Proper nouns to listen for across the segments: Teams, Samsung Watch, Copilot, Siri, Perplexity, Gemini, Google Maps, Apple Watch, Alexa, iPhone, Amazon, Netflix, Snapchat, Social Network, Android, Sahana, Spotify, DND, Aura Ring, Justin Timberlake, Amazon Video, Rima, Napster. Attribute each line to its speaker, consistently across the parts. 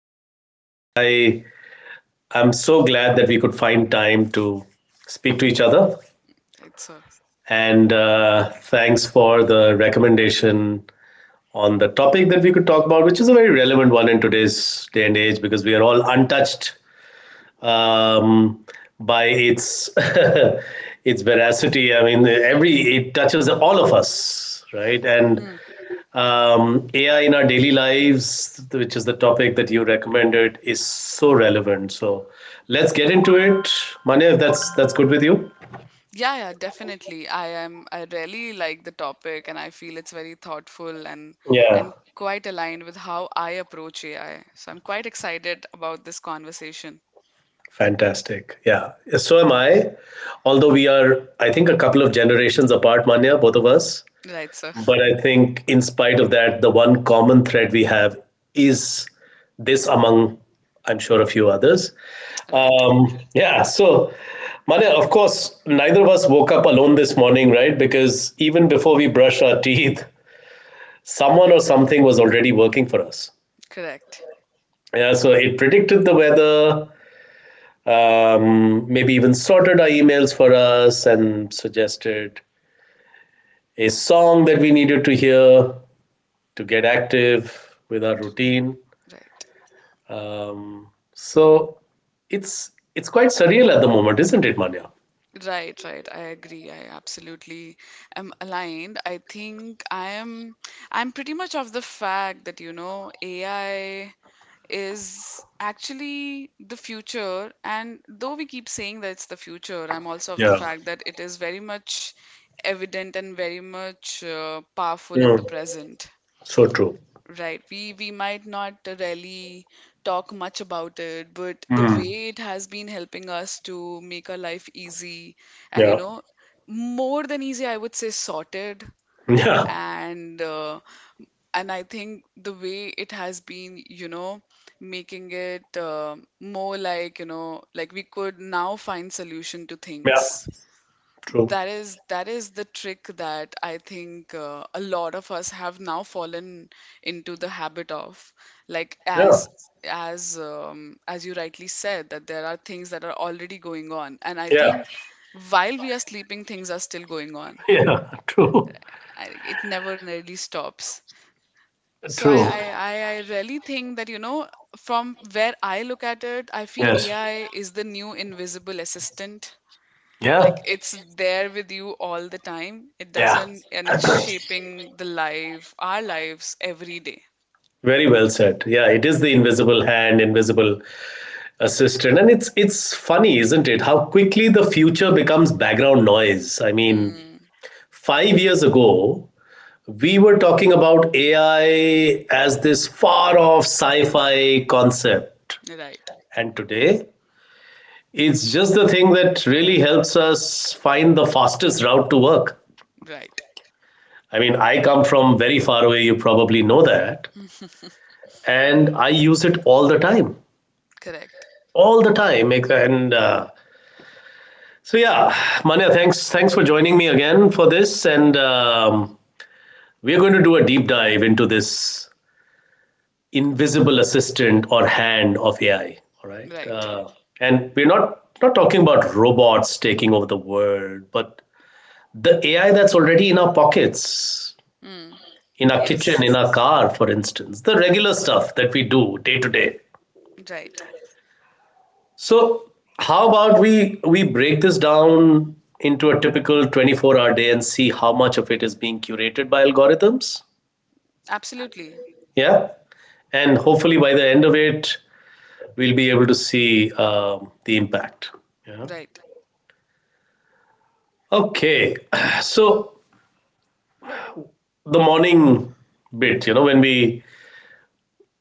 Speaker 1: That's great. I'm so glad that we could find time to speak to each other.
Speaker 2: Right, sir.
Speaker 1: And thanks for the recommendation on the topic that we could talk about, which is a very relevant one in today's day and age because we are all untouched um, by its its veracity. I mean, every it touches all of us, right? And
Speaker 2: Hmm.
Speaker 1: AI in our daily lives, which is the topic that you recommended, is so relevant. So let's get into it, Manya. If that's good with you,
Speaker 2: Yeah, yeah, definitely. I am. I really like the topic, and I feel it's very thoughtful and
Speaker 1: yeah,
Speaker 2: and quite aligned with how I approach AI. So I'm quite excited about this conversation.
Speaker 1: fantastic. Yeah, so am I. Although we are, I think, a couple of generations apart, Manya, both of us.
Speaker 2: Right, sir.
Speaker 1: But I think, in spite of that, the one common thread we have is this among, I'm sure, a few others.
Speaker 2: Right.
Speaker 1: Yeah, so, Mane, of course, neither of us woke up alone this morning, right? Because even before we brushed our teeth, someone or something was already working for us.
Speaker 2: Correct.
Speaker 1: Yeah, so it predicted the weather, maybe even sorted our emails for us and suggested a song that we needed to hear to get active with our
Speaker 2: D-
Speaker 1: routine.
Speaker 2: Right.
Speaker 1: Um, so it's quite surreal at the moment, isn't it, Manya?
Speaker 2: Right, right. I agree. I absolutely am aligned. I think I am I'm pretty much of the fact that, you know, AI is actually the future. And though we keep saying that it's the future, I'm also of the
Speaker 1: Yeah.
Speaker 2: fact that it is very much evident and very much powerful in the
Speaker 1: Mm.
Speaker 2: present.
Speaker 1: So true.
Speaker 2: Right, we might not really talk much about it, but the
Speaker 1: Mm.
Speaker 2: way it has been helping us to make our life easy, and, you
Speaker 1: Yeah.
Speaker 2: know, more than easy, I would say sorted,
Speaker 1: Yeah.
Speaker 2: and uh, and I think the way it has been, you know, making it more like, you know, like we could now find solution to
Speaker 1: Yeah.
Speaker 2: things.
Speaker 1: True.
Speaker 2: That is the trick that I think a lot of us have now fallen into the habit of. Like
Speaker 1: Yeah.
Speaker 2: as you rightly said, that there are things that are already going on, and I
Speaker 1: Yeah.
Speaker 2: think while we are sleeping, things are still going on.
Speaker 1: Yeah. True.
Speaker 2: It never really stops. So I,
Speaker 1: True.
Speaker 2: I, I I really think that, you know, from where I look at it, I feel
Speaker 1: Yes.
Speaker 2: AI is the new invisible assistant.
Speaker 1: Yeah.
Speaker 2: Like it's there with you all the time. It
Speaker 1: Yeah.
Speaker 2: doesn't, and it's shaping the life, our lives every day.
Speaker 1: Very well said. Yeah, it is the invisible hand, invisible assistant, and it's funny, isn't it? How quickly the future becomes background noise. I mean,
Speaker 2: Mm,
Speaker 1: 5 years ago, we were talking about AI as this far off sci fi concept.
Speaker 2: right,
Speaker 1: And today, it's just the thing that really helps us find the fastest route to work.
Speaker 2: right,
Speaker 1: I mean, I come from very far away, you probably know that. And I use it all the time.
Speaker 2: correct,
Speaker 1: All the time. And so, yeah, Manya, thanks for joining me again for this. And we're going to do a deep dive into this invisible assistant or hand of AI. All right,
Speaker 2: right.
Speaker 1: and we're not talking about robots taking over the world, but the AI that's already in our pockets,
Speaker 2: Mm,
Speaker 1: in our kitchen,
Speaker 2: yes,
Speaker 1: in our car, for instance, the regular stuff that we do day to day.
Speaker 2: right.
Speaker 1: So, how about we break this down into a typical 24-hour day and see how much of it is being curated by algorithms?
Speaker 2: Absolutely,
Speaker 1: Yeah. And hopefully by the end of it, we'll be able to see the impact. Yeah.
Speaker 2: right.
Speaker 1: Okay. So the morning bit, you know, when we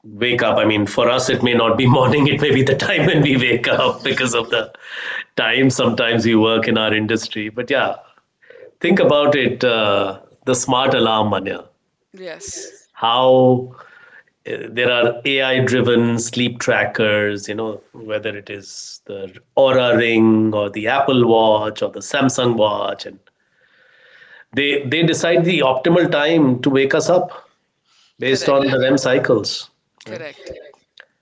Speaker 1: wake up, I mean, for us, it may not be morning, it may be the time when we wake up because of the time sometimes we work in our industry. But yeah, think about it the smart alarm, Manya.
Speaker 2: Yes,
Speaker 1: How there are AI driven sleep trackers, you know, whether it is the Aura Ring or the Apple Watch or the Samsung Watch, and they decide the optimal time to wake us up based
Speaker 2: correct,
Speaker 1: on the REM cycles. Right.
Speaker 2: correct.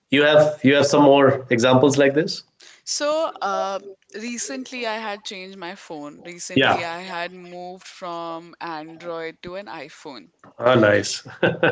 Speaker 1: You have some more examples like this?
Speaker 2: So, recently I had changed my phone. Recently
Speaker 1: Yeah.
Speaker 2: I had moved from Android to an iPhone.
Speaker 1: Ah, nice.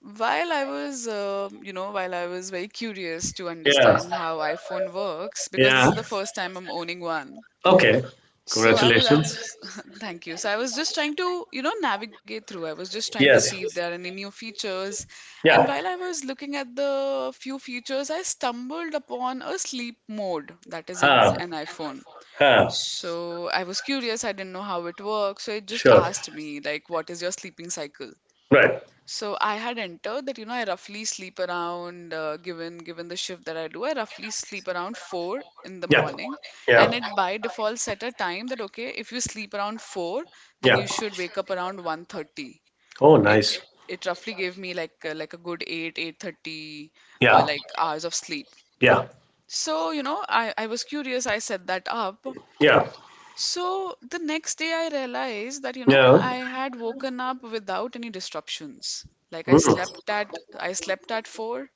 Speaker 2: While I was, you know, while I was very curious to
Speaker 1: Yeah.
Speaker 2: understand how iPhone works, because this
Speaker 1: Yeah.
Speaker 2: is the first time I'm owning one.
Speaker 1: Okay.
Speaker 2: So I was, I
Speaker 1: Congratulations.
Speaker 2: was, thank you. So I was just trying to, you know, navigate through. I was just trying to see
Speaker 1: Yes.
Speaker 2: if there are any new features. And
Speaker 1: Yeah.
Speaker 2: while I was looking at the few features, I stumbled upon a sleep mode that is in
Speaker 1: Huh.
Speaker 2: an iPhone.
Speaker 1: Huh.
Speaker 2: So I was curious, I didn't know how it works. So it just
Speaker 1: Sure.
Speaker 2: asked me, like, what is your sleeping cycle?
Speaker 1: Right.
Speaker 2: So I had entered that, you know, I roughly sleep around, given the shift that I do, I roughly sleep around 4 in the
Speaker 1: Yeah.
Speaker 2: morning, and
Speaker 1: Yeah.
Speaker 2: it by default set a time that okay, if you sleep around 4, then
Speaker 1: Yeah.
Speaker 2: you should wake up around 1:30.
Speaker 1: Oh,
Speaker 2: It
Speaker 1: nice.
Speaker 2: it roughly gave me like a good 8, 8:30,
Speaker 1: Yeah.
Speaker 2: like hours of sleep.
Speaker 1: Yeah.
Speaker 2: So, you know, I was curious. I set that up,
Speaker 1: Yeah.
Speaker 2: so the next day, I realized that, you know,
Speaker 1: Yeah.
Speaker 2: I had woken up without any disruptions. Like I
Speaker 1: Mm.
Speaker 2: slept at I slept at 4.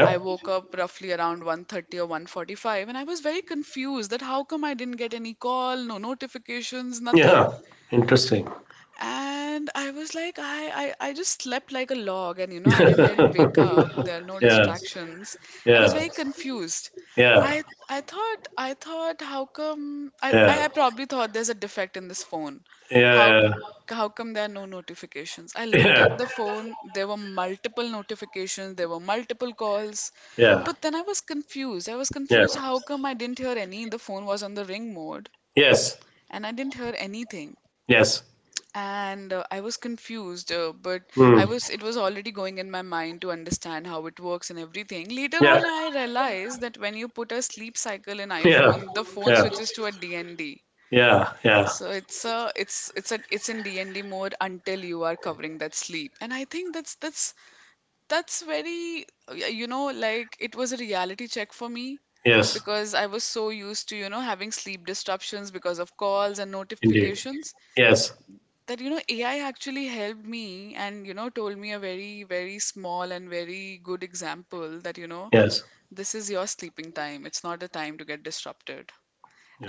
Speaker 2: I woke up roughly around 1:30 or 1:45, and I was very confused that how come I didn't get any call, no notifications, nothing.
Speaker 1: Yeah. Interesting.
Speaker 2: And I was like, I just slept like a log, and, you know, I didn't wake up. There are no
Speaker 1: Yeah.
Speaker 2: distractions. I was
Speaker 1: Yeah,
Speaker 2: very confused.
Speaker 1: yeah,
Speaker 2: I thought how come I, I
Speaker 1: yeah,
Speaker 2: I probably thought there's a defect in this phone.
Speaker 1: yeah,
Speaker 2: How
Speaker 1: yeah,
Speaker 2: how come there are no notifications? I looked
Speaker 1: yeah,
Speaker 2: at the phone, there were multiple notifications, there were multiple calls,
Speaker 1: yeah,
Speaker 2: but then I was confused. I was
Speaker 1: yeah.
Speaker 2: confused how come I didn't hear any. The phone was on the ring mode
Speaker 1: Yes,
Speaker 2: and I didn't hear anything.
Speaker 1: yes.
Speaker 2: And I was confused, but I
Speaker 1: Mm.
Speaker 2: was it was already going in my mind to understand how it works and everything. Later
Speaker 1: Yeah,
Speaker 2: on, I realized that when you put a sleep cycle in
Speaker 1: yeah,
Speaker 2: iPhone, the phone
Speaker 1: yeah,
Speaker 2: switches to a DND.
Speaker 1: yeah, yeah,
Speaker 2: So it's in DND mode until you are covering that sleep. And I think that's very, you know, like it was a reality check for me,
Speaker 1: yes,
Speaker 2: because I was so used to, you know, having sleep disruptions because of calls and
Speaker 1: indeed,
Speaker 2: notifications,
Speaker 1: yes,
Speaker 2: that, you know, AI actually helped me, and, you know, told me a very, very small and very good example, that, you know,
Speaker 1: yes,
Speaker 2: this is your sleeping time, it's not a time to get disrupted,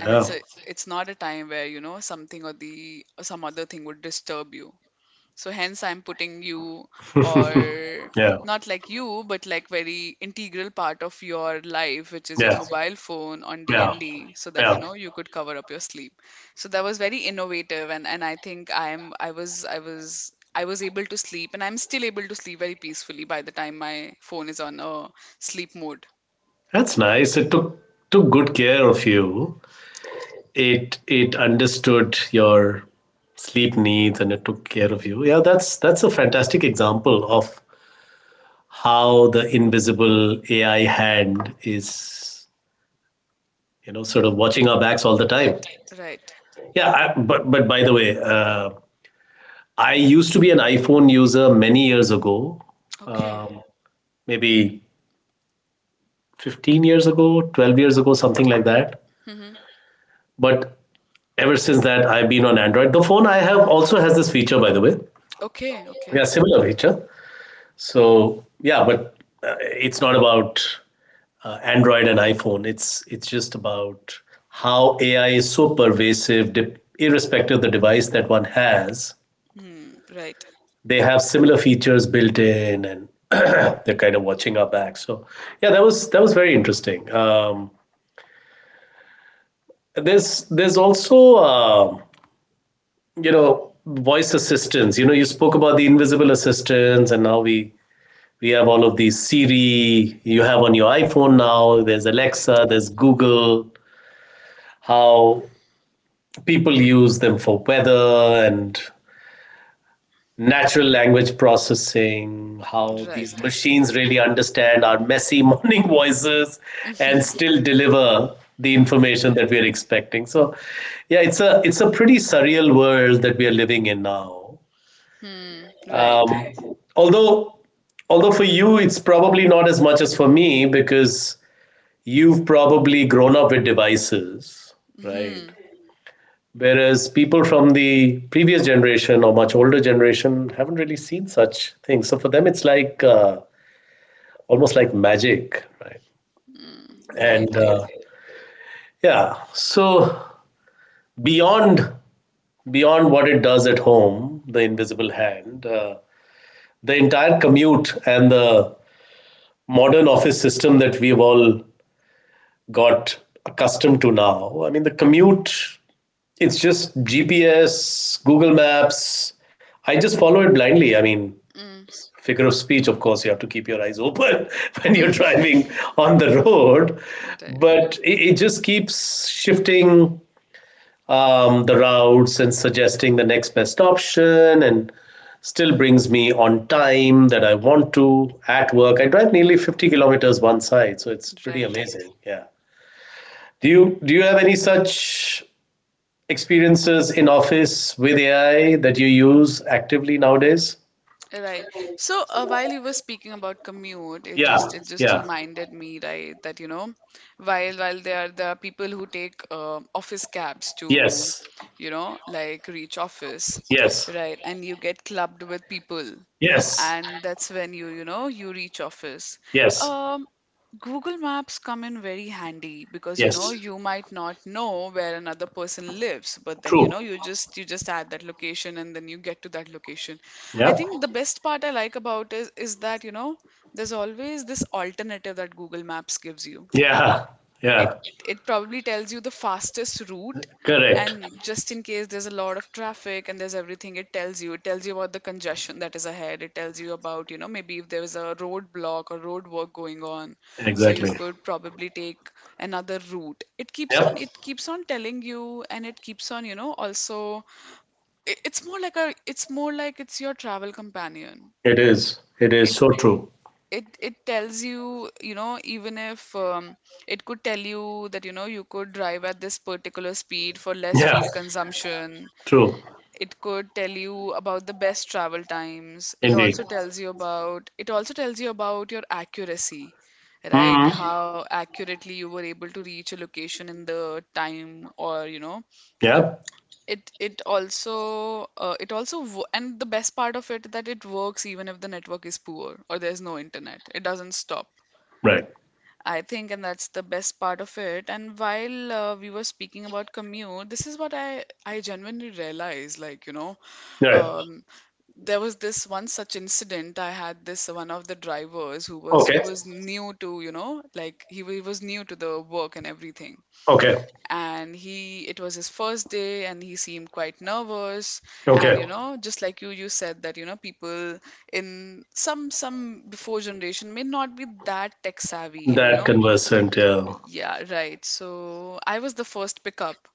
Speaker 2: and it's not a time where, you know, something or the or some other thing would disturb you, so hence I'm putting you, or
Speaker 1: yeah,
Speaker 2: not like you, but like very integral part of your life, which is your
Speaker 1: yeah,
Speaker 2: mobile phone, on
Speaker 1: yeah,
Speaker 2: DND, so that, you
Speaker 1: yeah.
Speaker 2: know, you could cover up your sleep. So that was very innovative, and I think I'm I was I was I was able to sleep, and I'm still able to sleep very peacefully by the time my phone is on a sleep mode.
Speaker 1: That's nice. It took good care of you. It understood your sleep needs and it took care of you. Yeah, that's a fantastic example of how the invisible AI hand is, you know, sort of watching our backs all the time.
Speaker 2: Right, right.
Speaker 1: Yeah, I, but by the way, I used to be an iPhone user many years ago,
Speaker 2: Okay.
Speaker 1: maybe 15 years ago, 12 years ago, something like that.
Speaker 2: Mm-hmm.
Speaker 1: But ever since that, I've been on Android. The phone I have also has this feature, by the way.
Speaker 2: Okay, okay.
Speaker 1: Yeah, similar feature. So yeah, but uh, it's not about Android and iPhone. It's just about how AI is so pervasive, irrespective of the device that one has.
Speaker 2: Hmm. Right,
Speaker 1: They have similar features built in, and they're kind of watching our back. So yeah, that was very interesting. There's also you know voice assistants. You know, you spoke about the invisible assistants, and now we have all of these Siri. You have on your iPhone now. There's
Speaker 2: right,
Speaker 1: Alexa. There's Google. How people use them for weather and natural language processing, how these
Speaker 2: right.
Speaker 1: machines really understand our messy morning voices and still deliver the information that we're expecting. So yeah, it's a pretty surreal world that we are living in now.
Speaker 2: Hmm. Right.
Speaker 1: Um, although although for you it's probably not as much as for me because you've probably grown up with devices, right?
Speaker 2: Mm-hmm.
Speaker 1: Whereas people from the previous generation or much older generation haven't really seen such things. So for them, it's like almost like magic, right?
Speaker 2: Mm. Right.
Speaker 1: And
Speaker 2: Agree.
Speaker 1: yeah, so beyond beyond what it does at home, the invisible hand, the entire commute and the modern office system that we've all got accustomed to now. I mean, the commute, it's just GPS, Google Maps. I just follow it blindly. I mean,
Speaker 2: Mm.
Speaker 1: figure of speech, of course, you have to keep your eyes open when you're driving on the road.
Speaker 2: Right.
Speaker 1: But it just keeps shifting the routes and suggesting the next best option and still brings me on time that I want to at work. I drive nearly 50 kilometers one side, so it's pretty
Speaker 2: Right.
Speaker 1: amazing. Yeah. Do you have any such experiences in office with AI that you use actively nowadays?
Speaker 2: Right. So while you were speaking about commute, it
Speaker 1: Yeah,
Speaker 2: just it just
Speaker 1: yeah.
Speaker 2: reminded me, right, that, you know, while there are people who take office cabs to,
Speaker 1: Yes.
Speaker 2: you know, like reach office,
Speaker 1: Yes.
Speaker 2: right, and you get clubbed with people,
Speaker 1: Yes,
Speaker 2: and that's when you know you reach office.
Speaker 1: yes,
Speaker 2: Um, Google Maps come in very handy, because, you know,
Speaker 1: yes.
Speaker 2: you might not know where another person lives, but then, you
Speaker 1: True.
Speaker 2: know, you just add that location and then you get to that location. I think
Speaker 1: Yep.
Speaker 2: the best part I like about is that, you know, there's always this alternative that Google Maps gives you.
Speaker 1: Yeah,
Speaker 2: It
Speaker 1: yeah.
Speaker 2: it probably tells you the fastest route,
Speaker 1: Correct.
Speaker 2: and just in case there's a lot of traffic and there's everything, it tells you. It tells you about the congestion that is ahead. It tells you about, you know, maybe if there is a roadblock or road work going on, so you
Speaker 1: Exactly.
Speaker 2: could probably take another route. It keeps on
Speaker 1: Yep.
Speaker 2: it keeps on telling you, and it keeps on, you know, also it's more like it's your travel companion.
Speaker 1: It is. It is
Speaker 2: it
Speaker 1: so true.
Speaker 2: it it tells you, you know, even if, it could tell you that, you know, you could drive at this particular speed for less
Speaker 1: Yeah,
Speaker 2: fuel consumption.
Speaker 1: true.
Speaker 2: It could tell you about the best travel times. It
Speaker 1: Indeed.
Speaker 2: also tells you about it also tells you about your accuracy, right?
Speaker 1: Hmm.
Speaker 2: How accurately you were able to reach a location in the time, or, you know,
Speaker 1: Yep.
Speaker 2: and the best part of it, that it works even if the network is poor or there's no internet. It doesn't stop.
Speaker 1: Right.
Speaker 2: I think, and that's the best part of it. And while we were speaking about commute, this is what I genuinely realized. Like, you know,
Speaker 1: Right.
Speaker 2: um, there was this one such incident I had, this one of the drivers who was
Speaker 1: Okay.
Speaker 2: new to, you know, like he was new to the work and everything,
Speaker 1: Okay.
Speaker 2: and he it was his first day, and he seemed quite nervous, and,
Speaker 1: Okay.
Speaker 2: you know, just like you said that, you know, people in some before generation may not be that tech savvy, and, you
Speaker 1: That
Speaker 2: know,
Speaker 1: conversant. Yeah.
Speaker 2: yeah, right. So I was the first pickup,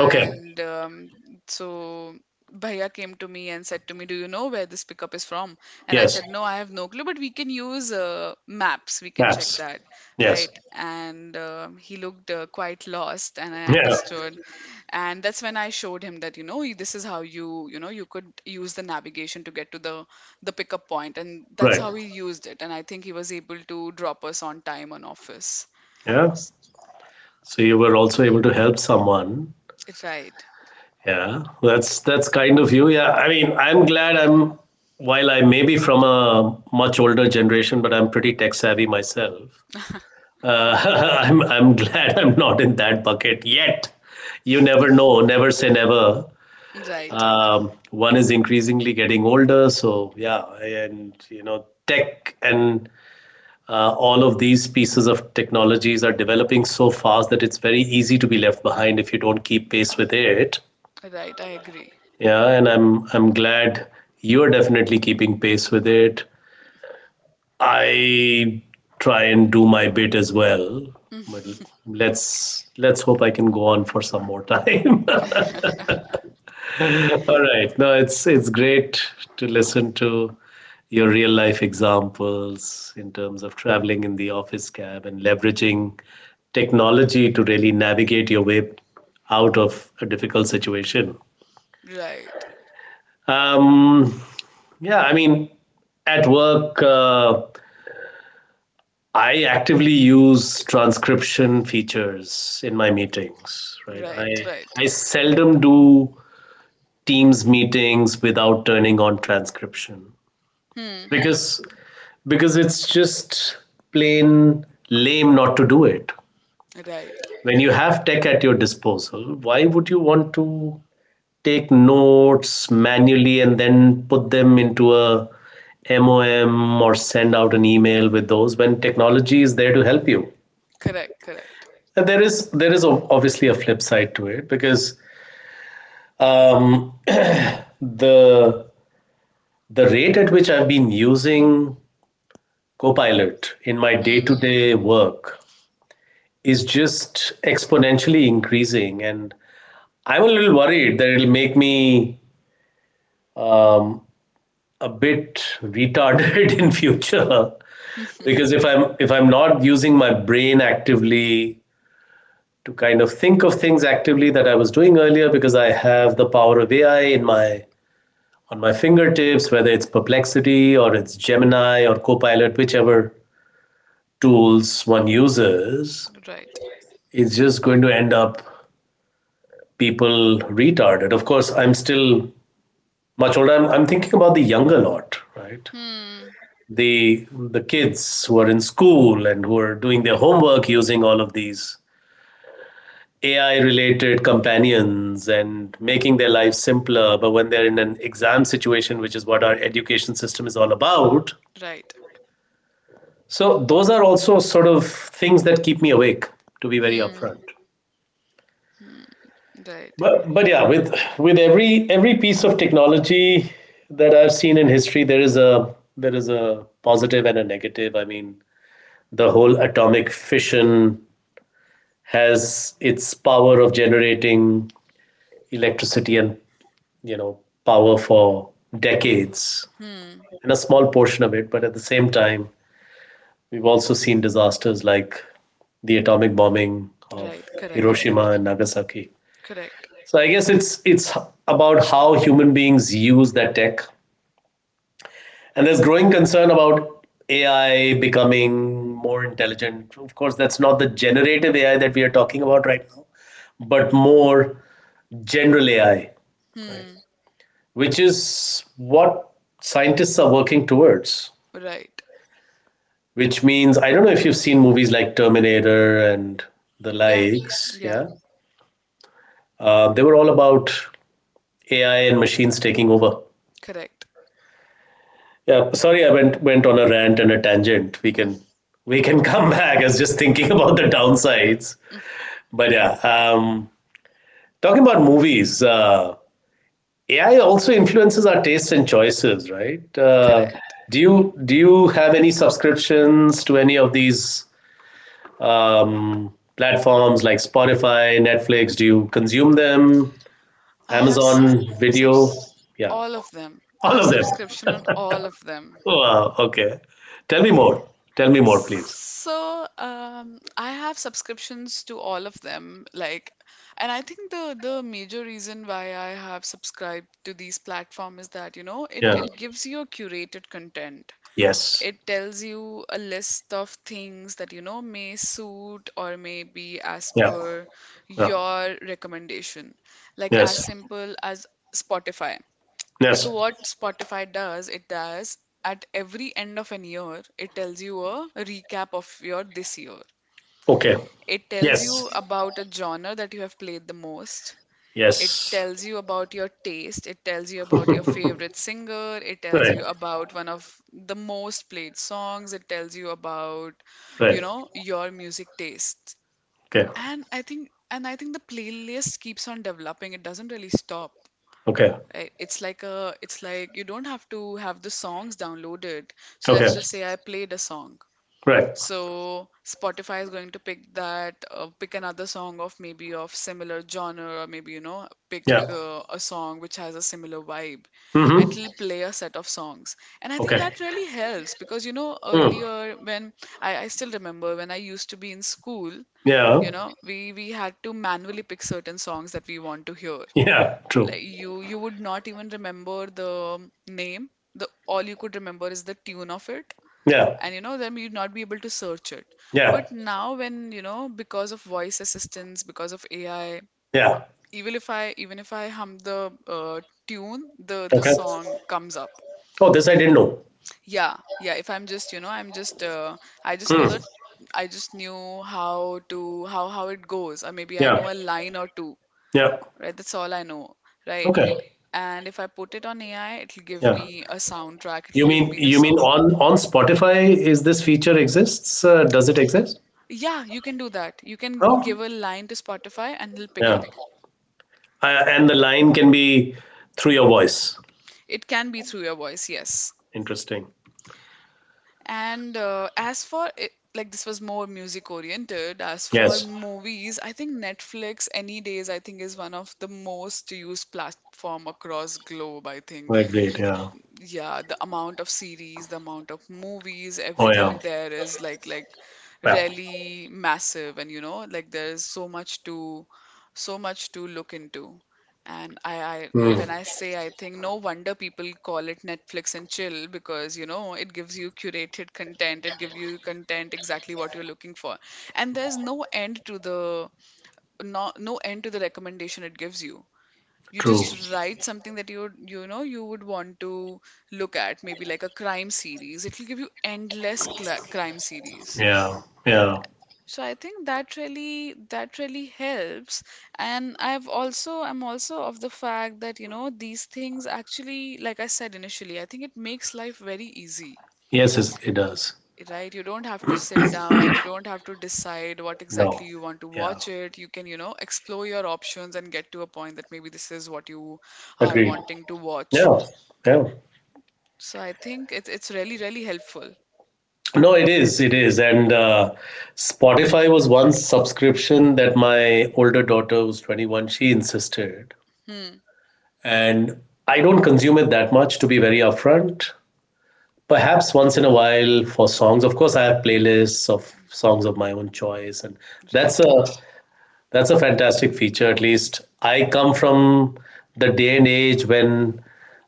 Speaker 1: Okay.
Speaker 2: so Bhaiya came to me and said to me, "Do you know where this pickup is from?" And I
Speaker 1: Yes.
Speaker 2: said, "No, I have no clue, but we can use maps. We can check
Speaker 1: Maps.
Speaker 2: that,
Speaker 1: Yes.
Speaker 2: right?" And he looked, quite lost, and I
Speaker 1: Yeah.
Speaker 2: understood. And that's when I showed him that, you know, this is how you, you know, you could use the navigation to get to the pickup point, and that's
Speaker 1: Right.
Speaker 2: how he used it. And I think he was able to drop us on time on office.
Speaker 1: Yeah. So you were also able to help someone.
Speaker 2: Right,
Speaker 1: Yeah, that's kind of you. Yeah, I mean, I'm glad I'm while I may be from a much older generation, but I'm pretty tech savvy myself. Uh, I'm glad I'm not in that bucket yet. You never know, never say never.
Speaker 2: right,
Speaker 1: One is increasingly getting older, so yeah, and you know, tech and all of these pieces of technologies are developing so fast that it's very easy to be left behind if you don't keep pace with it.
Speaker 2: right. I agree.
Speaker 1: Yeah, and I'm glad you're definitely keeping pace with it. I try and do my bit as well, but let's hope I can go on for some more time. All right. No, it's great to listen to your real life examples in terms of traveling in the office cab and leveraging technology to really navigate your way out of a difficult situation.
Speaker 2: Right,
Speaker 1: Um, Yeah, I mean, at work, I actively use transcription features in my meetings, right?
Speaker 2: right, right.
Speaker 1: I seldom do Teams meetings without turning on transcription
Speaker 2: Hmm.
Speaker 1: because because it's just plain lame not to do it.
Speaker 2: Right.
Speaker 1: When you have tech at your disposal, why would you want to take notes manually and then put them into a MOM or send out an email with those when technology is there to help you?
Speaker 2: Correct, correct.
Speaker 1: And there is obviously a flip side to it because um, the the rate at which I've been using Copilot in my day to
Speaker 2: Hmm.
Speaker 1: day work is just exponentially increasing, and I'm a little worried that it'll make me um, a bit retarded in future because if I'm not using my brain actively to kind of think of things actively that I was doing earlier because I have the power of AI in my on my fingertips, whether it's Perplexity or it's Gemini or Copilot, whichever tools one uses,
Speaker 2: Right.
Speaker 1: it's just going to end up people retarded. Of course, I'm still much older. I'm thinking about the younger lot, right?
Speaker 2: Hmm.
Speaker 1: The kids who are in school and who are doing their homework using all of these AI related companions and making their life simpler. But when they're in an exam situation, which is what our education system is all about,
Speaker 2: Right.
Speaker 1: so those are also sort of things that keep me awake. To be very
Speaker 2: Hmm.
Speaker 1: upfront.
Speaker 2: Hmm. Right.
Speaker 1: But yeah, with every piece of technology that I've seen in history, there is a positive and a negative. I mean, the whole atomic fission has its power of generating electricity and you know power for decades
Speaker 2: Hmm.
Speaker 1: and a small portion of it, but at the same time we've also seen disasters like the atomic bombing of
Speaker 2: Right. Correct.
Speaker 1: Hiroshima and Nagasaki.
Speaker 2: Correct.
Speaker 1: So I guess it's about how human beings use that tech, and there's growing concern about AI becoming more intelligent. Of course, that's not the generative AI that we are talking about right now, but more general AI, right?
Speaker 2: Hmm.
Speaker 1: Which is what scientists are working towards.
Speaker 2: Right.
Speaker 1: Which means, I don't know if you've seen movies like Terminator and the
Speaker 2: Yeah.
Speaker 1: likes.
Speaker 2: Yeah.
Speaker 1: Yeah. They were all about AI and machines taking over.
Speaker 2: Correct.
Speaker 1: Yeah. Sorry, I went on a rant and a tangent. We can come back. I was just thinking about the downsides. But yeah, talking about movies, AI also influences our tastes and choices, right?
Speaker 2: Correct.
Speaker 1: Do you have any subscriptions to any of these um, platforms like Spotify, Netflix? Do you consume them?
Speaker 2: I have sub
Speaker 1: Amazon Video?
Speaker 2: subs
Speaker 1: Yeah,
Speaker 2: all of them. I
Speaker 1: all
Speaker 2: have
Speaker 1: of them.
Speaker 2: subscription on all of them.
Speaker 1: Oh, wow. Okay. Tell me more. Tell me more, please.
Speaker 2: So, I have subscriptions to all of them, and I think the major reason why I have subscribed to these platform is that, you know, it
Speaker 1: Yeah.
Speaker 2: it gives you a curated content.
Speaker 1: Yes.
Speaker 2: It tells you a list of things that, you know, may suit or may be as
Speaker 1: Yeah.
Speaker 2: per
Speaker 1: Yeah.
Speaker 2: your recommendation. Like
Speaker 1: Yes.
Speaker 2: as simple as Spotify. So
Speaker 1: Yes.
Speaker 2: what Spotify does, it does at every end of an year, it tells you a recap of your this year.
Speaker 1: Okay.
Speaker 2: It tells
Speaker 1: Yes.
Speaker 2: you about a genre that you have played the most. It
Speaker 1: Yes.
Speaker 2: tells you about your taste. It tells you about your favorite singer. It tells
Speaker 1: Right.
Speaker 2: you about one of the most played songs. It tells you about,
Speaker 1: Right.
Speaker 2: your music taste.
Speaker 1: Okay.
Speaker 2: And I think the playlist keeps on developing. It doesn't really stop.
Speaker 1: Okay.
Speaker 2: It's like it's like you don't have to have the songs downloaded. So let's
Speaker 1: Okay.
Speaker 2: just say I played a song.
Speaker 1: Right.
Speaker 2: So Spotify is going to pick that, pick another song of maybe of similar genre, or maybe, you know, pick
Speaker 1: Yeah.
Speaker 2: a song which has a similar vibe, and
Speaker 1: Mm-hmm.
Speaker 2: it'll play a set of songs. And I think
Speaker 1: Okay.
Speaker 2: that really helps because, you know,
Speaker 1: Mm.
Speaker 2: earlier when I still remember when I used to be in school,
Speaker 1: Yeah.
Speaker 2: you know, we had to manually pick certain songs that we want to hear.
Speaker 1: Yeah. True.
Speaker 2: Like you would not even remember the name. The all you could remember is the tune of it.
Speaker 1: Yeah.
Speaker 2: And you know, then you'd not be able to search it.
Speaker 1: Yeah.
Speaker 2: But now when, you know, because of voice assistants, because of AI,
Speaker 1: Yeah.
Speaker 2: even if I hum the tune, the
Speaker 1: Okay.
Speaker 2: song comes up.
Speaker 1: Oh, this I didn't know.
Speaker 2: Yeah, yeah, if I'm just, I'm just I just know
Speaker 1: Mm.
Speaker 2: that I just knew how to how it goes, or maybe I
Speaker 1: Yeah.
Speaker 2: know a line or two,
Speaker 1: Yeah.
Speaker 2: right? That's all I know, right?
Speaker 1: Okay.
Speaker 2: And if I put it on AI, it'll give
Speaker 1: Yeah.
Speaker 2: me a soundtrack, it'll
Speaker 1: You
Speaker 2: give
Speaker 1: mean
Speaker 2: me the
Speaker 1: you mean
Speaker 2: song.
Speaker 1: on Spotify, is this feature exists? Does it exist?
Speaker 2: Yeah, you can do that. You can
Speaker 1: Oh.
Speaker 2: give a line to Spotify and it'll pick
Speaker 1: Yeah.
Speaker 2: up.
Speaker 1: And the line can be through your voice.
Speaker 2: It can be through your voice, yes.
Speaker 1: Interesting.
Speaker 2: And as for it, like this was more music oriented. As for
Speaker 1: Yes.
Speaker 2: movies, I think Netflix any days I think is one of the most used platform across globe, I think.
Speaker 1: I Great. Yeah.
Speaker 2: Yeah, the amount of series, the amount of movies,
Speaker 1: Oh yeah.
Speaker 2: everything there is like
Speaker 1: Yeah.
Speaker 2: really massive, and you know, like there is so much to look into. And I
Speaker 1: Mm.
Speaker 2: when I say, I think no wonder people call it Netflix and chill, because you know it gives you curated content, it gives you content exactly what you're looking for, and there's no end to the no end to the recommendation it gives you. You
Speaker 1: True.
Speaker 2: just write something that you know you would want to look at, maybe like a crime series, it will give you endless crime series.
Speaker 1: Yeah. Yeah.
Speaker 2: So I think that really helps. And I've also, I'm also of the fact that, you know, these things actually, like I said initially, I think it makes life very easy,
Speaker 1: Yes, it's- it does.
Speaker 2: right? You don't have to sit down, you don't have to decide what exactly
Speaker 1: No.
Speaker 2: you want to
Speaker 1: Yeah.
Speaker 2: watch it. You can, you know, explore your options and get to a point that maybe this is what you are
Speaker 1: Agreed.
Speaker 2: wanting to watch.
Speaker 1: Yeah. Yeah.
Speaker 2: So I think it's really helpful.
Speaker 1: No, it is. It is. And Spotify was one subscription that my older daughter, who's 21, she insisted.
Speaker 2: Hmm.
Speaker 1: And I don't consume it that much, to be very upfront. Perhaps once in a while for songs. Of course, I have playlists of songs of my own choice, and that's
Speaker 2: Right.
Speaker 1: a that's a fantastic feature. At least I come from the day and age when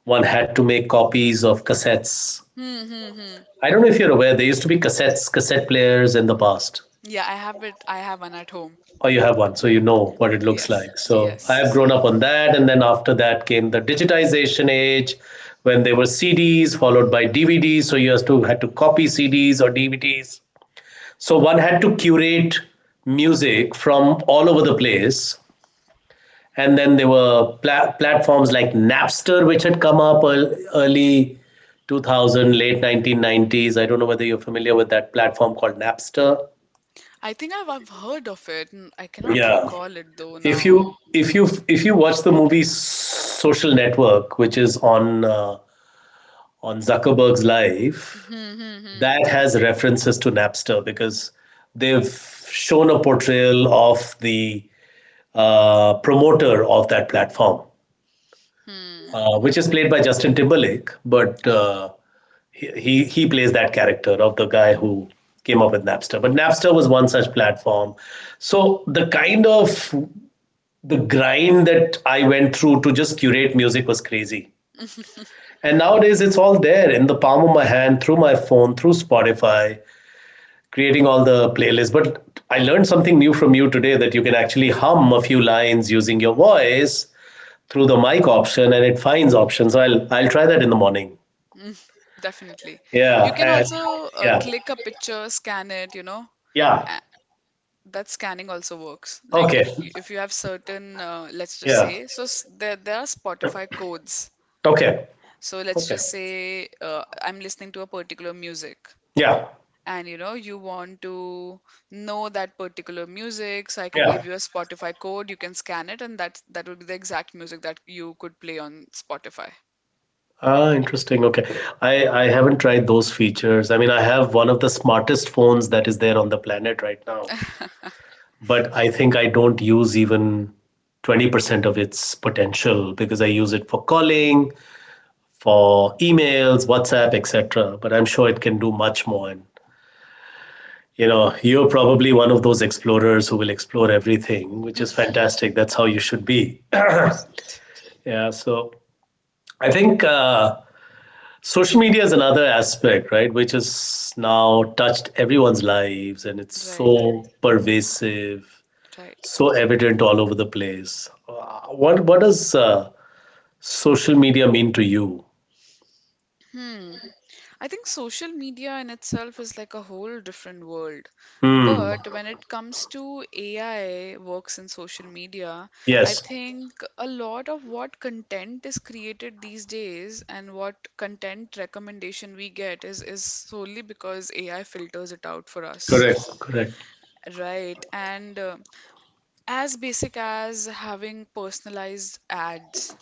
Speaker 1: one had to make copies of cassettes.
Speaker 2: Hmm. Hmm. Hmm.
Speaker 1: I don't know if you're aware, there used to be cassettes, cassette players in the past.
Speaker 2: Yeah, I have it. I have one at home.
Speaker 1: Or you have one, so you know what it looks
Speaker 2: Yes.
Speaker 1: like. So I
Speaker 2: Yes.
Speaker 1: have grown up on that, and then after that came the digitization age, when there were CDs followed by DVDs. So you has to had to copy CDs or DVDs. So one had to curate music from all over the place. And then there were platforms like Napster, which had come up early 2000, late 1990s. I don't know whether you're familiar with that platform called Napster.
Speaker 2: I think I've heard of it. I cannot
Speaker 1: Yeah.
Speaker 2: recall it though
Speaker 1: If
Speaker 2: now.
Speaker 1: you if you if you watch the movie Social Network, which is on Zuckerberg's
Speaker 2: Hmm.
Speaker 1: life,
Speaker 2: Hmm.
Speaker 1: that has references to Napster because they've shown a portrayal of the promoter of that platform,
Speaker 2: Hmm.
Speaker 1: which is played by Justin Timberlake, but uh, he plays that character of the guy who came up with Napster. But Napster was one such platform. So the kind of the grind that I went through to just curate music was crazy. And nowadays it's all there in the palm of my hand, through my phone, through Spotify, creating all the playlists. But I learned something new from you today that you can actually hum a few lines using your voice through the mic option and it finds options. So I'll try that in the morning.
Speaker 2: Hmm. Definitely.
Speaker 1: Yeah.
Speaker 2: You can
Speaker 1: and-
Speaker 2: also
Speaker 1: yeah.
Speaker 2: click a picture, scan it. You know,
Speaker 1: Yeah.
Speaker 2: A- that scanning also works. Like
Speaker 1: Okay.
Speaker 2: if you have certain, let's just
Speaker 1: Yeah.
Speaker 2: say, there are Spotify codes.
Speaker 1: Okay.
Speaker 2: So let's
Speaker 1: Okay.
Speaker 2: just say I'm listening to a particular music.
Speaker 1: Yeah.
Speaker 2: And you know you want to know that particular music, so I can
Speaker 1: Yeah.
Speaker 2: give you a Spotify code, you can scan it, and that would be the exact music that you could play on Spotify.
Speaker 1: Ah, interesting. Okay. I haven't tried those features. I mean, I have one of the smartest phones that is there on the planet right now, but I think I don't use even 20% of its potential because I use it for calling, for emails, WhatsApp, etc. But I'm sure it can do much more. And, you know, you're probably one of those explorers who will explore everything, which is fantastic. That's how you should be.
Speaker 2: Just-
Speaker 1: Yeah, so I think social media is another aspect, right, which has now touched everyone's lives and it's
Speaker 2: right,
Speaker 1: so pervasive,
Speaker 2: right.
Speaker 1: so evident all over the place. What does social media mean to you?
Speaker 2: Hmm. I think social media in itself is like a whole different world.
Speaker 1: Hmm.
Speaker 2: But when it comes to AI works in social media, I
Speaker 1: Yes.
Speaker 2: think a lot of what content is created these days and what content recommendation we get is solely because AI filters it out for us.
Speaker 1: Correct. Correct.
Speaker 2: Right. And as basic as having personalized ads,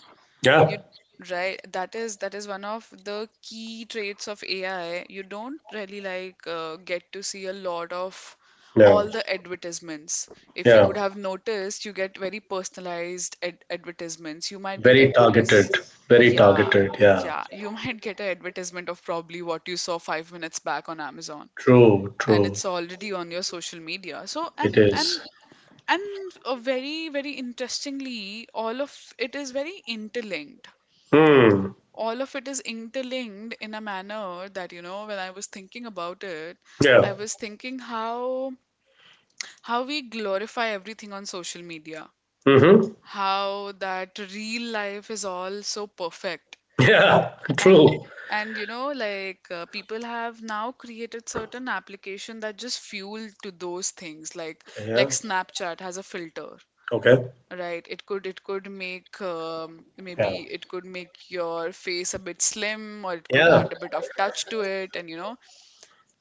Speaker 2: you
Speaker 1: Yeah.
Speaker 2: right, that is one of the key traits of AI. You don't really like get to see a lot of
Speaker 1: Yeah.
Speaker 2: all the advertisements. If you
Speaker 1: Yeah.
Speaker 2: would have noticed, you get very personalized ad advertisements. You might get
Speaker 1: Very
Speaker 2: advertise,
Speaker 1: targeted. Very
Speaker 2: yeah,
Speaker 1: targeted. Yeah.
Speaker 2: yeah. You might get an advertisement of probably what you saw 5 minutes back on Amazon,
Speaker 1: True.
Speaker 2: and
Speaker 1: True.
Speaker 2: it's already on your social media.
Speaker 1: It is.
Speaker 2: And very interestingly, all of it is very interlinked.
Speaker 1: Hmm.
Speaker 2: All of it is interlinked in a manner that, you know, when I was thinking about it, I
Speaker 1: Yeah.
Speaker 2: was thinking how we glorify everything on social media,
Speaker 1: Mm-hmm.
Speaker 2: how that real life is all so perfect.
Speaker 1: Yeah.
Speaker 2: and
Speaker 1: True.
Speaker 2: and you know, like people have now created certain application that just fuel to those things, like
Speaker 1: Yeah.
Speaker 2: Snapchat has a filter.
Speaker 1: Okay.
Speaker 2: Right, it could make
Speaker 1: Yeah.
Speaker 2: maybe it could make your face a bit slim, or it could
Speaker 1: Yeah.
Speaker 2: add a bit of touch to it, and you know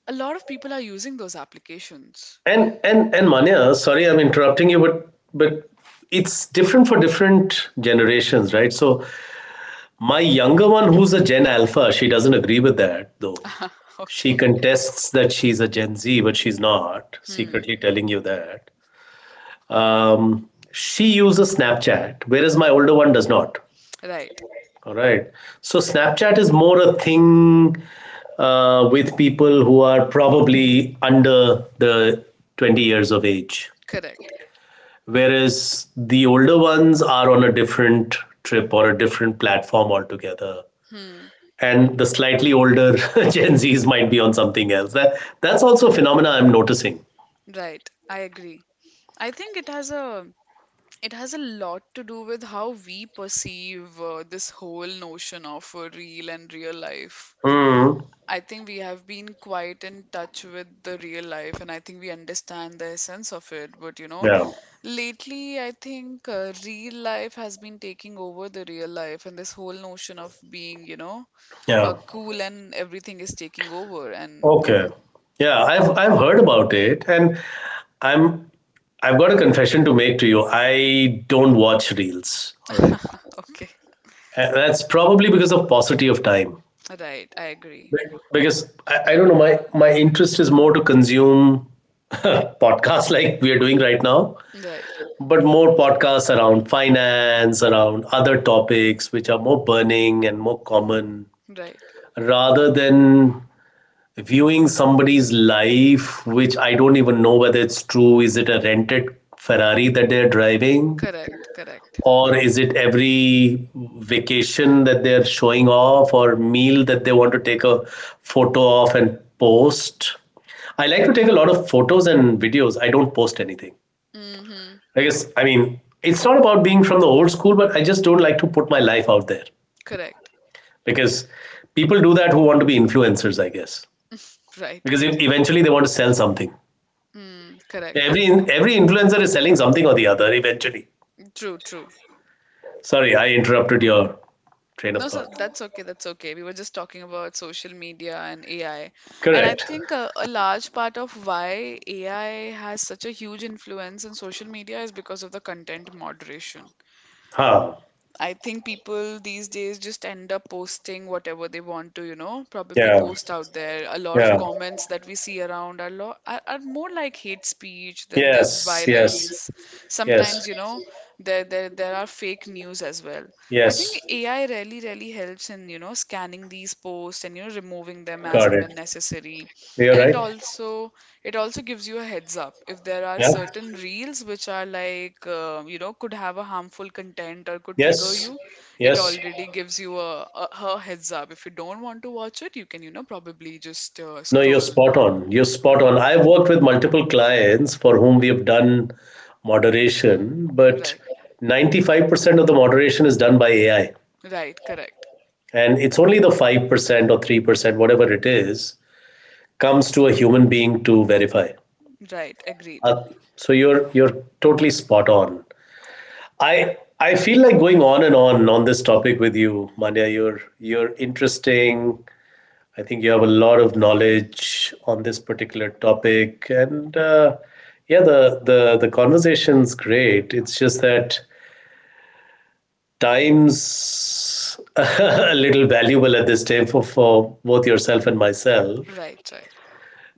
Speaker 2: a lot of people are using those applications.
Speaker 1: And Manya, sorry, I'm interrupting you, but it's different for different generations, right? So my younger one, who's a Gen Alpha, she doesn't agree with that though.
Speaker 2: Okay.
Speaker 1: She contests that she's a Gen Z, but she's not.
Speaker 2: Hmm.
Speaker 1: Secretly telling you that. She uses Snapchat, whereas my older one does not.
Speaker 2: Right.
Speaker 1: All right. So Snapchat is more a thing with people who are probably under the 20 years of age,
Speaker 2: Correct.
Speaker 1: whereas the older ones are on a different trip or a different platform altogether,
Speaker 2: Hmm.
Speaker 1: and the slightly older Gen Z's might be on something else. That that's also a phenomena I'm noticing.
Speaker 2: Right. I agree. I think it has a lot to do with how we perceive this whole notion of real and real life.
Speaker 1: Mm.
Speaker 2: I think we have been quite in touch with the real life, and I think we understand the essence of it. But you know,
Speaker 1: Yeah.
Speaker 2: lately I think real life has been taking over the real life, and this whole notion of being, you know,
Speaker 1: Yeah.
Speaker 2: cool and everything is taking over. And
Speaker 1: Okay. Yeah. I've heard about it, and i'm I've got a confession to make to you. I don't watch reels. All right.
Speaker 2: okay,
Speaker 1: And that's probably because of paucity of time,
Speaker 2: right, I agree.
Speaker 1: because I don't know, my interest is more to consume podcasts like we are doing right now,
Speaker 2: Right,
Speaker 1: but more podcasts around finance, around other topics which are more burning and more common,
Speaker 2: right,
Speaker 1: rather than viewing somebody's life, which I don't even know whether it's true. Is it a rented Ferrari that they're driving?
Speaker 2: correct, correct.
Speaker 1: Or is it every vacation that they're showing off, or meal that they want to take a photo of and post? I like to take a lot of photos and videos. I don't post anything.
Speaker 2: Mm-hmm,
Speaker 1: I guess, I mean, it's not about being from the old school, but I just don't like to put my life out there,
Speaker 2: correct,
Speaker 1: because people do that who want to be influencers, I guess,
Speaker 2: right.
Speaker 1: because eventually they want to sell something.
Speaker 2: Mm, correct.
Speaker 1: Every influencer is selling something or the other eventually.
Speaker 2: True, true.
Speaker 1: Sorry, I interrupted your train of
Speaker 2: No, sir,
Speaker 1: thought.
Speaker 2: that's okay. That's okay. We were just talking about social media and AI. And I
Speaker 1: Correct.
Speaker 2: think a large part of why AI has such a huge influence in social media is because of the content moderation.
Speaker 1: Huh.
Speaker 2: I think people these days just end up posting whatever they want to, you know, probably
Speaker 1: Yeah.
Speaker 2: post out there. A lot of
Speaker 1: Yeah.
Speaker 2: comments that we see around are more like hate speech than there's
Speaker 1: Yes. Yes.
Speaker 2: violence.
Speaker 1: Yes.
Speaker 2: Sometimes, you know, there are fake news as well. I
Speaker 1: Yes.
Speaker 2: think AI really, really helps in, you know, scanning these posts and, you know, removing them as
Speaker 1: Got
Speaker 2: and
Speaker 1: it.
Speaker 2: when necessary.
Speaker 1: You're
Speaker 2: And
Speaker 1: right.
Speaker 2: it also gives you a heads up if there are
Speaker 1: Yeah.
Speaker 2: certain reels which are like, you know, could have a harmful content or could trigger
Speaker 1: Yes.
Speaker 2: you. It
Speaker 1: Yes.
Speaker 2: already gives you a heads up. If you don't want to watch it, you can, you know, probably just
Speaker 1: No, you're
Speaker 2: scroll.
Speaker 1: spot on. You're
Speaker 2: Of,
Speaker 1: spot on. I've worked with multiple clients for whom we have done moderation, but
Speaker 2: right,
Speaker 1: 95% of the moderation is done by AI.
Speaker 2: right, correct.
Speaker 1: And it's only the 5% or 3%, whatever it is, comes to a human being to verify.
Speaker 2: Right, agreed.
Speaker 1: Uh, so you're totally spot on. I feel like going on and on on this topic with you, Manya. You're interesting. I think you have a lot of knowledge on this particular topic, and yeah, the conversation's great. It's just that time's a little valuable at this time for both yourself and myself.
Speaker 2: Right, right.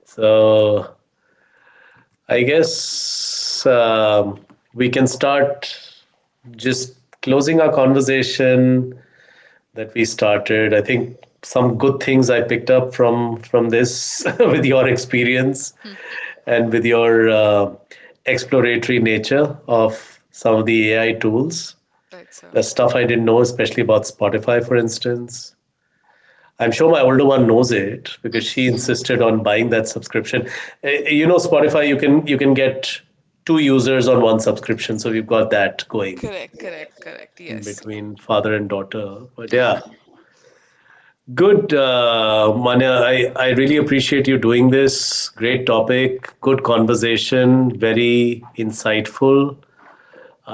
Speaker 1: So I guess we can start just closing our conversation that we started. I think some good things I picked up from this with your experience
Speaker 2: Hmm,
Speaker 1: and with your exploratory nature of some of the AI tools.
Speaker 2: right, sir.
Speaker 1: The stuff I didn't know, especially about Spotify, for instance. I'm sure my older one knows it because she
Speaker 2: Mm,
Speaker 1: insisted on buying that subscription. You know, Spotify, you can get 2 users on one subscription, so we've got that going
Speaker 2: correct, correct, correct. Yes,
Speaker 1: between father and daughter. But yeah, good, Manya. I really appreciate you doing this. Great topic, good conversation, very insightful.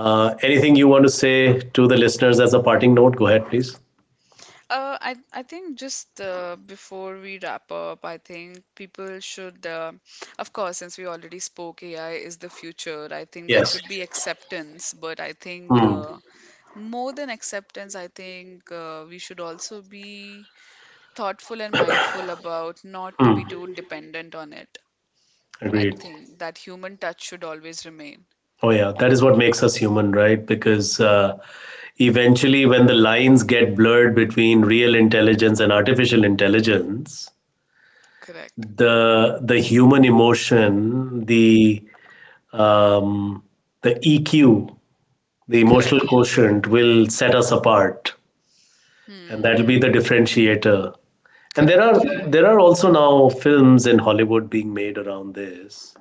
Speaker 1: Anything you want to say to the listeners as a parting note? Go ahead, please.
Speaker 2: I think just before we wrap up, I think of course, since we already spoke, AI is the future. I think there
Speaker 1: Yes.
Speaker 2: should be acceptance, but I think
Speaker 1: Hmm.
Speaker 2: more than acceptance, I think we should also be thoughtful and mindful about not to
Speaker 1: Hmm.
Speaker 2: be too dependent on it. I
Speaker 1: Agreed.
Speaker 2: think that human touch should always remain.
Speaker 1: Oh, yeah. That is what makes us human, right? Because eventually, when the lines get blurred between real intelligence and artificial intelligence,
Speaker 2: Correct.
Speaker 1: the human emotion, um, the EQ, the
Speaker 2: Correct.
Speaker 1: emotional quotient will set us apart, and
Speaker 2: Hmm.
Speaker 1: that'll be the differentiator. And
Speaker 2: Correct.
Speaker 1: there are also now films in Hollywood being made around this.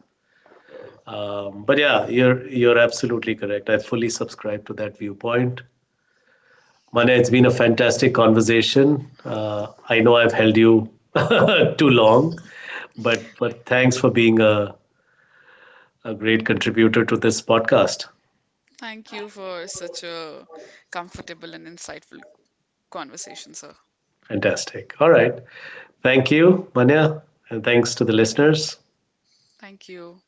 Speaker 1: But yeah, you're absolutely correct. I fully subscribe to that viewpoint. Mane, it's been a fantastic conversation. I know I've held you too long, but thanks for being a great contributor to this podcast.
Speaker 2: Thank you for such a comfortable and insightful conversation, sir.
Speaker 1: Fantastic. All right. Thank you, Manya, and thanks to the listeners.
Speaker 2: Thank you.